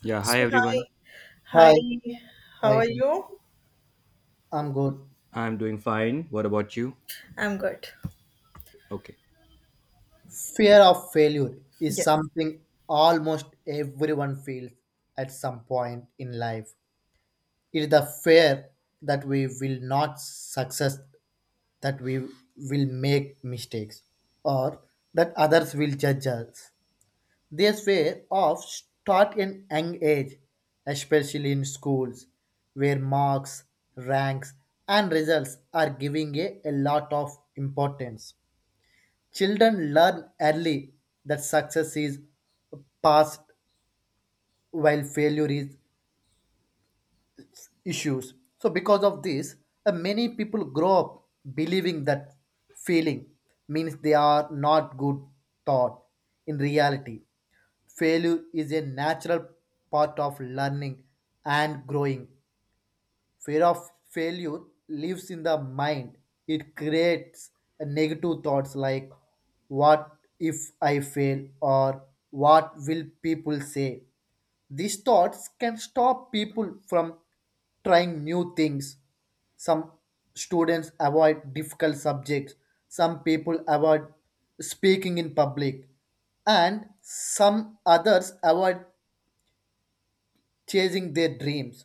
Yeah, hi So everyone. hi, hi, Hi, how hi, are you? I'm good. I'm doing fine. What about you? I'm good. Okay. Fear of failure is Yes, something almost everyone feels at some point in life. It is the fear that we will not success, that we will make mistakes, or that others will judge us. This fear of start in young age, especially in schools, where marks, ranks, and results are giving a lot of importance. Children learn early that success is past while failure is issues. So because of this, many people grow up believing that failing means they are not good thought. In reality, failure is a natural part of learning and growing. Fear of failure lives in the mind. It creates a negative thoughts like what if I fail or what will people say. These thoughts can stop people from trying new things. Some students avoid difficult subjects. Some people avoid speaking in public. And some others avoid chasing their dreams,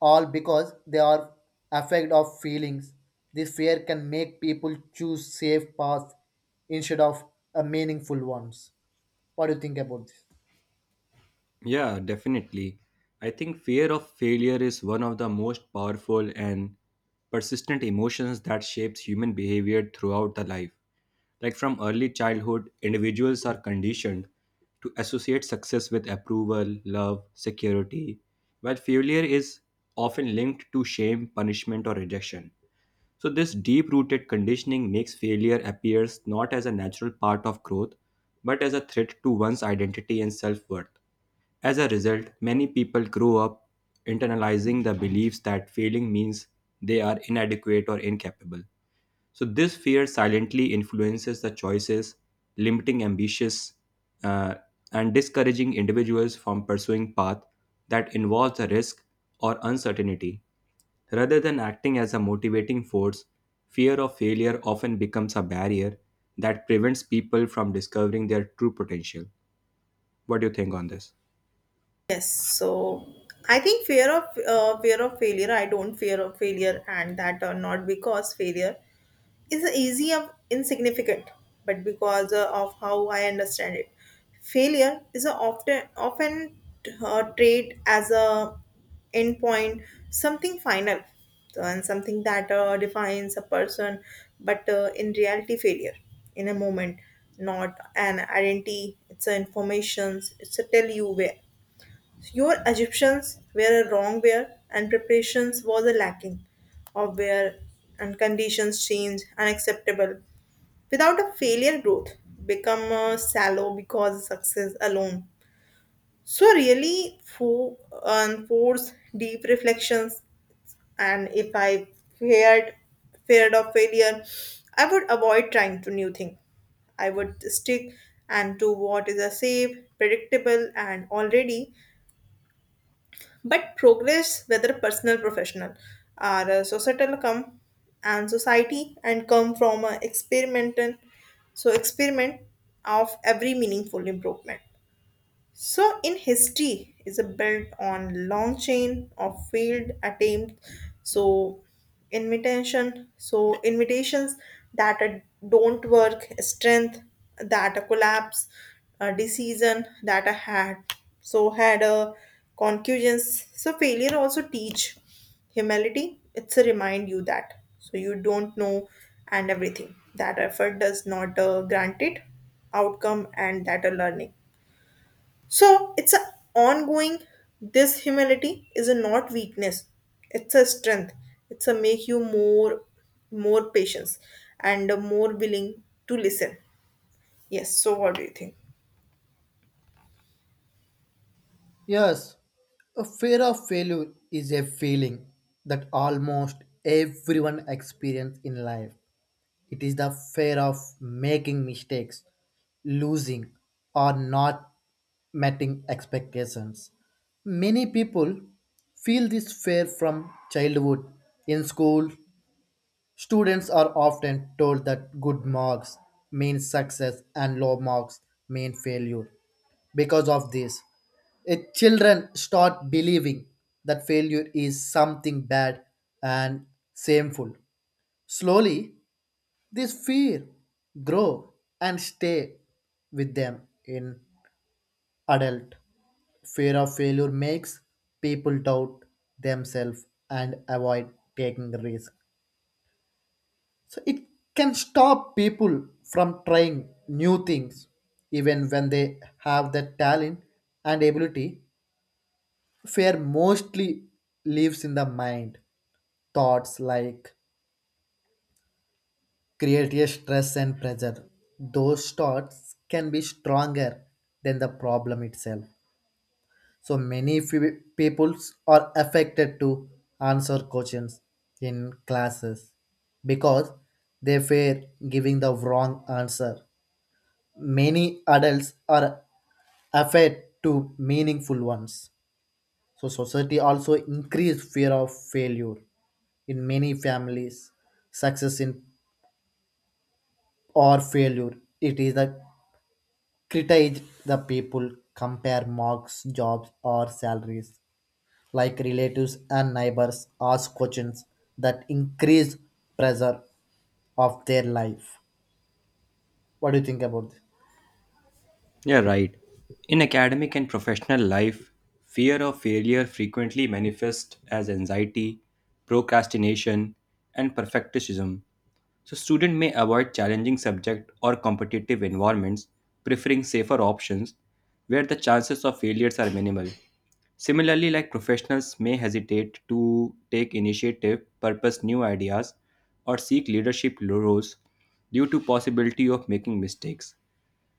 all because they are afraid of feelings. This fear can make people choose safe paths instead of meaningful ones. What do you think about this? Yeah, definitely. I think fear of failure is one of the most powerful and persistent emotions that shapes human behavior throughout the life. Like from early childhood, individuals are conditioned to associate success with approval, love, security, while failure is often linked to shame, punishment, or rejection. So this deep-rooted conditioning makes failure appears not as a natural part of growth, but as a threat to one's identity and self-worth. As a result, many people grow up internalizing the beliefs that failing means they are inadequate or incapable. So, this fear silently influences the choices, limiting ambitious uh, and discouraging individuals from pursuing paths that involve the risk or uncertainty. Rather than acting as a motivating force, fear of failure often becomes a barrier that prevents people from discovering their true potential. What do you think on this? yes. So I think fear of failure. I don't fear of failure, and that or not because failure is the easy of insignificant, but because of how I understand it, failure is a often trait as a endpoint, something final, so, and something that defines a person. But in reality, failure in a moment, not an identity. It's a informations. It's a tell you where. Your Egyptians were a wrong where and preparations was a lacking of where and conditions change unacceptable. Without a failure growth become shallow because success alone. So really fo- and force deep reflections and if I feared feared of failure, I would avoid trying to new thing. I would stick and to what is a safe, predictable and already but progress, whether personal, professional, or societal, come and society and come from a experimental, so experiment of every meaningful improvement. So in history is a built on long chain of failed attempts. So so invitations that are- don't work, strength that a collapse, a decision that I had. So had a concussions. So failure also teach humility. It's a remind you that so you don't know and everything that effort does not grant it outcome and that a learning. So it's a ongoing. This humility is a not weakness. It's a strength. It's a make you more, more patience, and more willing to listen. Yes. So what do you think? Yes, a fear of failure is a feeling that almost everyone experiences in life. It is the fear of making mistakes, losing, or not meeting expectations. Many people feel this fear from childhood. In school, students are often told that good marks mean success and low marks mean failure. Because of this, children start believing that failure is something bad and shameful. Slowly, this fear grow and stay with them in adult. Fear of failure makes people doubt themselves and avoid taking risks. So it can stop people from trying new things even when they have the talent and ability. Fear mostly lives in the mind. Thoughts like create stress and pressure. Those thoughts can be stronger than the problem itself. So many peoples are affected to answer questions in classes because they fear giving the wrong answer. Many adults are afraid to meaningful ones. So society also increase fear of failure in many families. Success in or failure it is a criticize the people compare marks, jobs or salaries like relatives and neighbors ask questions that increase pressure of their life. What do you think about this? Yeah, right. In academic and professional life, fear of failure frequently manifests as anxiety, procrastination, and perfectionism. So students may avoid challenging subject or competitive environments, preferring safer options where the chances of failures are minimal. Similarly, like professionals may hesitate to take initiative, purpose new ideas, or seek leadership roles due to possibility of making mistakes.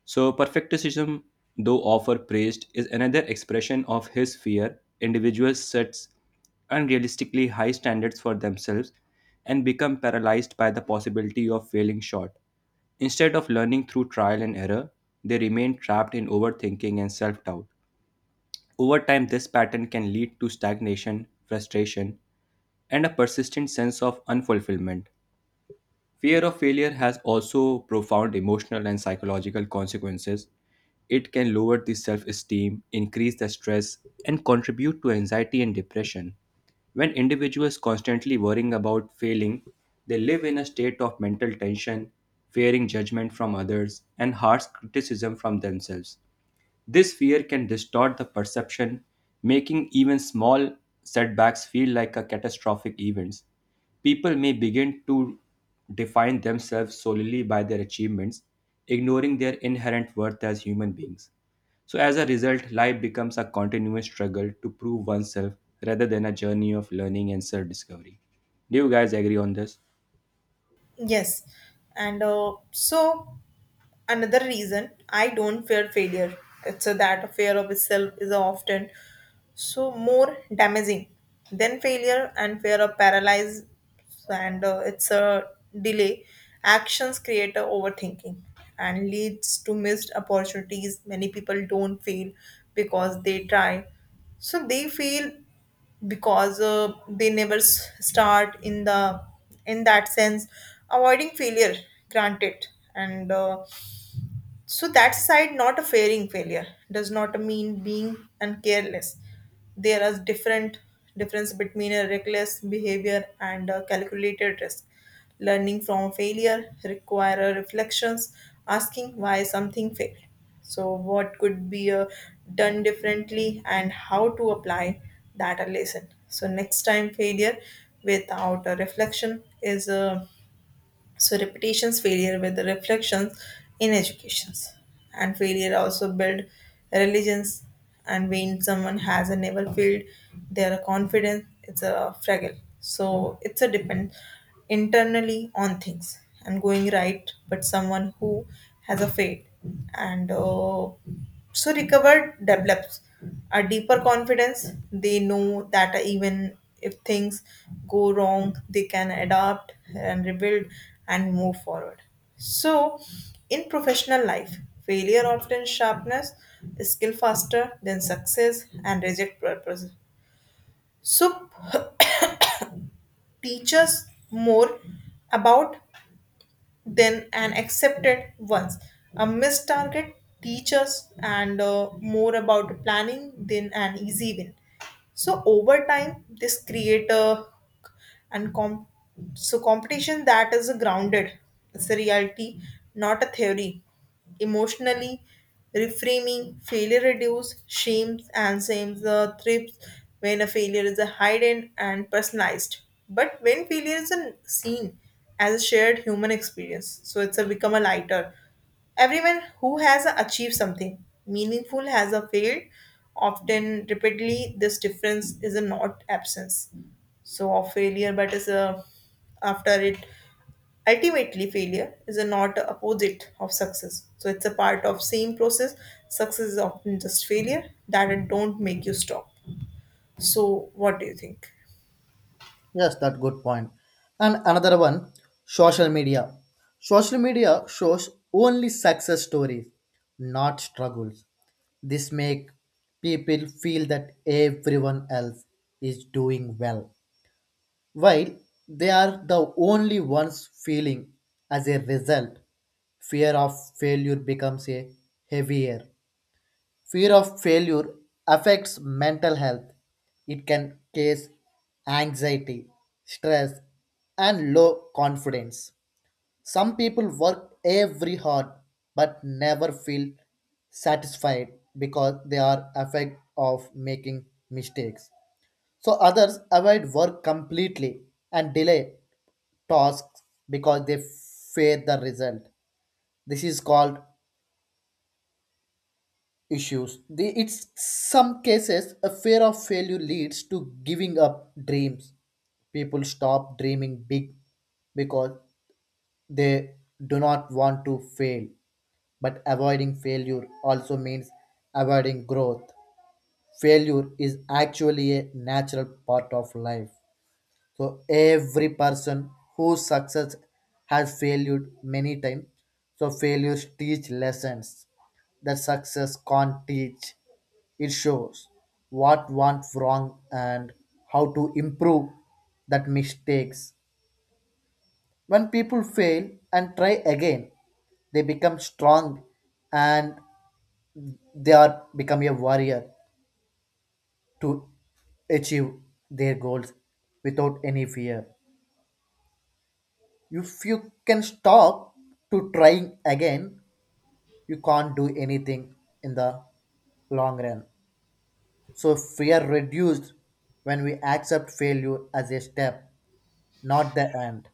So, perfectionism, though often praised, is another expression of his fear. Individuals sets unrealistically high standards for themselves and become paralyzed by the possibility of failing short. Instead of learning through trial and error, they remain trapped in overthinking and self doubt. Over time, this pattern can lead to stagnation, frustration, and a persistent sense of unfulfillment. Fear of failure has also profound emotional and psychological consequences. It can lower the self esteem, increase the stress, and contribute to anxiety and depression. When individuals constantly worrying about failing, they live in a state of mental tension, fearing judgment from others and harsh criticism from themselves. This fear can distort the perception, making even small setbacks feel like a catastrophic events. People may begin to define themselves solely by their achievements, ignoring their inherent worth as human beings. So as a result, life becomes a continuous struggle to prove oneself rather than a journey of learning and self-discovery. Do you guys agree on this? Yes, and so another reason I don't fear failure. It's a, that a fear of itself is often so more damaging than failure and fear of paralyze and it's a delay. Actions create a overthinking and leads to missed opportunities. Many people don't fail because they try. So they fail because they never start in the in that sense avoiding failure granted and so that side not a fearing failure does not mean being uncareless. There is different difference between a reckless behavior and a calculated risk. Learning from failure require reflections, asking why something failed. So what could be done differently and how to apply that a lesson. So next time failure without a reflection is a so repetitions failure with the reflections in educations. And failure also build religions and when someone has a never failed, their confidence it's a fragile. So it's a depend internally on things and going right, but someone who has a failed and so recovered develops a deeper confidence. They know that even if things go wrong, they can adapt and rebuild and move forward. So, in professional life, failure often sharpens skill faster than success and reject purpose. So, teach us more about then an accepted ones. A missed target teaches and more about planning than an easy win. So over time, this create a and com- so competition that is grounded. It's a reality, not a theory. Emotionally reframing failure reduces shames and shames the thrips when a failure is a hidden and personalized, but when failure is a seen as a shared human experience, so it's a become a lighter. Everyone who has achieved something meaningful has a failed often repeatedly. This difference is a not absence so of failure but is a after it. Ultimately, failure is a not a opposite of success. So it's a part of same process. Success is often just failure that it don't make you stop. So what do you think? Yes, that good point. And another one, social media shows only success stories, not struggles. This make people feel that everyone else is doing well while they are the only ones feeling. As a result, fear of failure becomes a heavier fear of failure. Affects mental health. It can cause anxiety, stress, and low confidence. Some people work every hard but never feel satisfied because they are afraid of making mistakes. So others avoid work completely and delay tasks because they fear the result. This is called issues. The, it's some cases a fear of failure leads to giving up dreams. People stop dreaming big because they do not want to fail. But avoiding failure also means avoiding growth. Failure is actually a natural part of life. So every person whose success has failed many times. So failures teach lessons that success can't teach. It shows what went wrong and how to improve that mistakes. When people fail and try again, they become strong and they are become a warrior to achieve their goals without any fear. If you can stop to trying again, you can't do anything in the long run. So fear reduced when we accept failure as a step, not the end.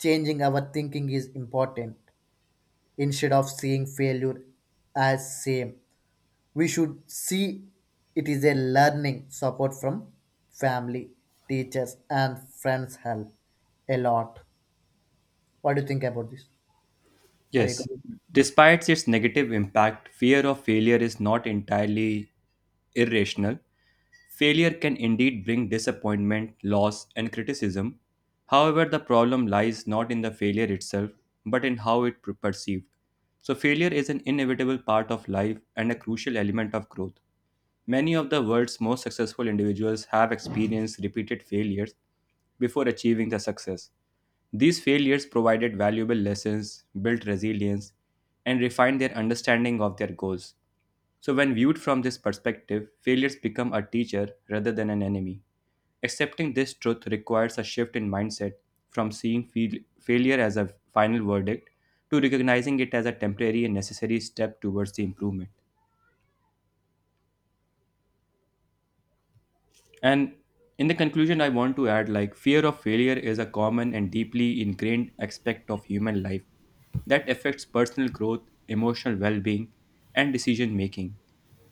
Changing our thinking is important. Instead of seeing failure as same, we should see it is a learning support from family, teachers, and friends help a lot. What do you think about this? Are you Yes, good? despite its negative impact, fear of failure is not entirely irrational. Failure can indeed bring disappointment, loss, and criticism. However, the problem lies not in the failure itself, but in how it perceived. So, failure is an inevitable part of life and a crucial element of growth. Many of the world's most successful individuals have experienced repeated failures before achieving the success. These failures provided valuable lessons, built resilience, and refined their understanding of their goals. So, when viewed from this perspective, failures become a teacher rather than an enemy. Accepting this truth requires a shift in mindset from seeing failure as a final verdict to recognizing it as a temporary and necessary step towards the improvement. And in the conclusion, I want to add like fear of failure is a common and deeply ingrained aspect of human life that affects personal growth, emotional well being, and decision making.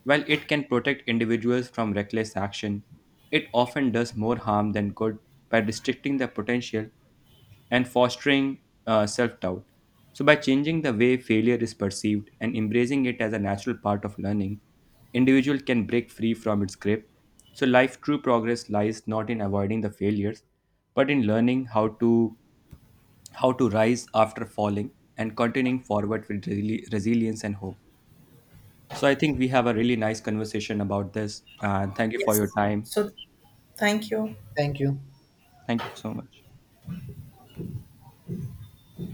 While it can protect individuals from reckless action, it often does more harm than good by restricting their potential and fostering self doubt. So, by changing the way failure is perceived and embracing it as a natural part of learning, individual can break free from its grip. So, life true progress lies not in avoiding the failures, but in learning how to rise after falling and continuing forward with resilience and hope. So, I think we have a really nice conversation about this. And thank you for Yes. your time. So thank you. Thank you. Thank you so much.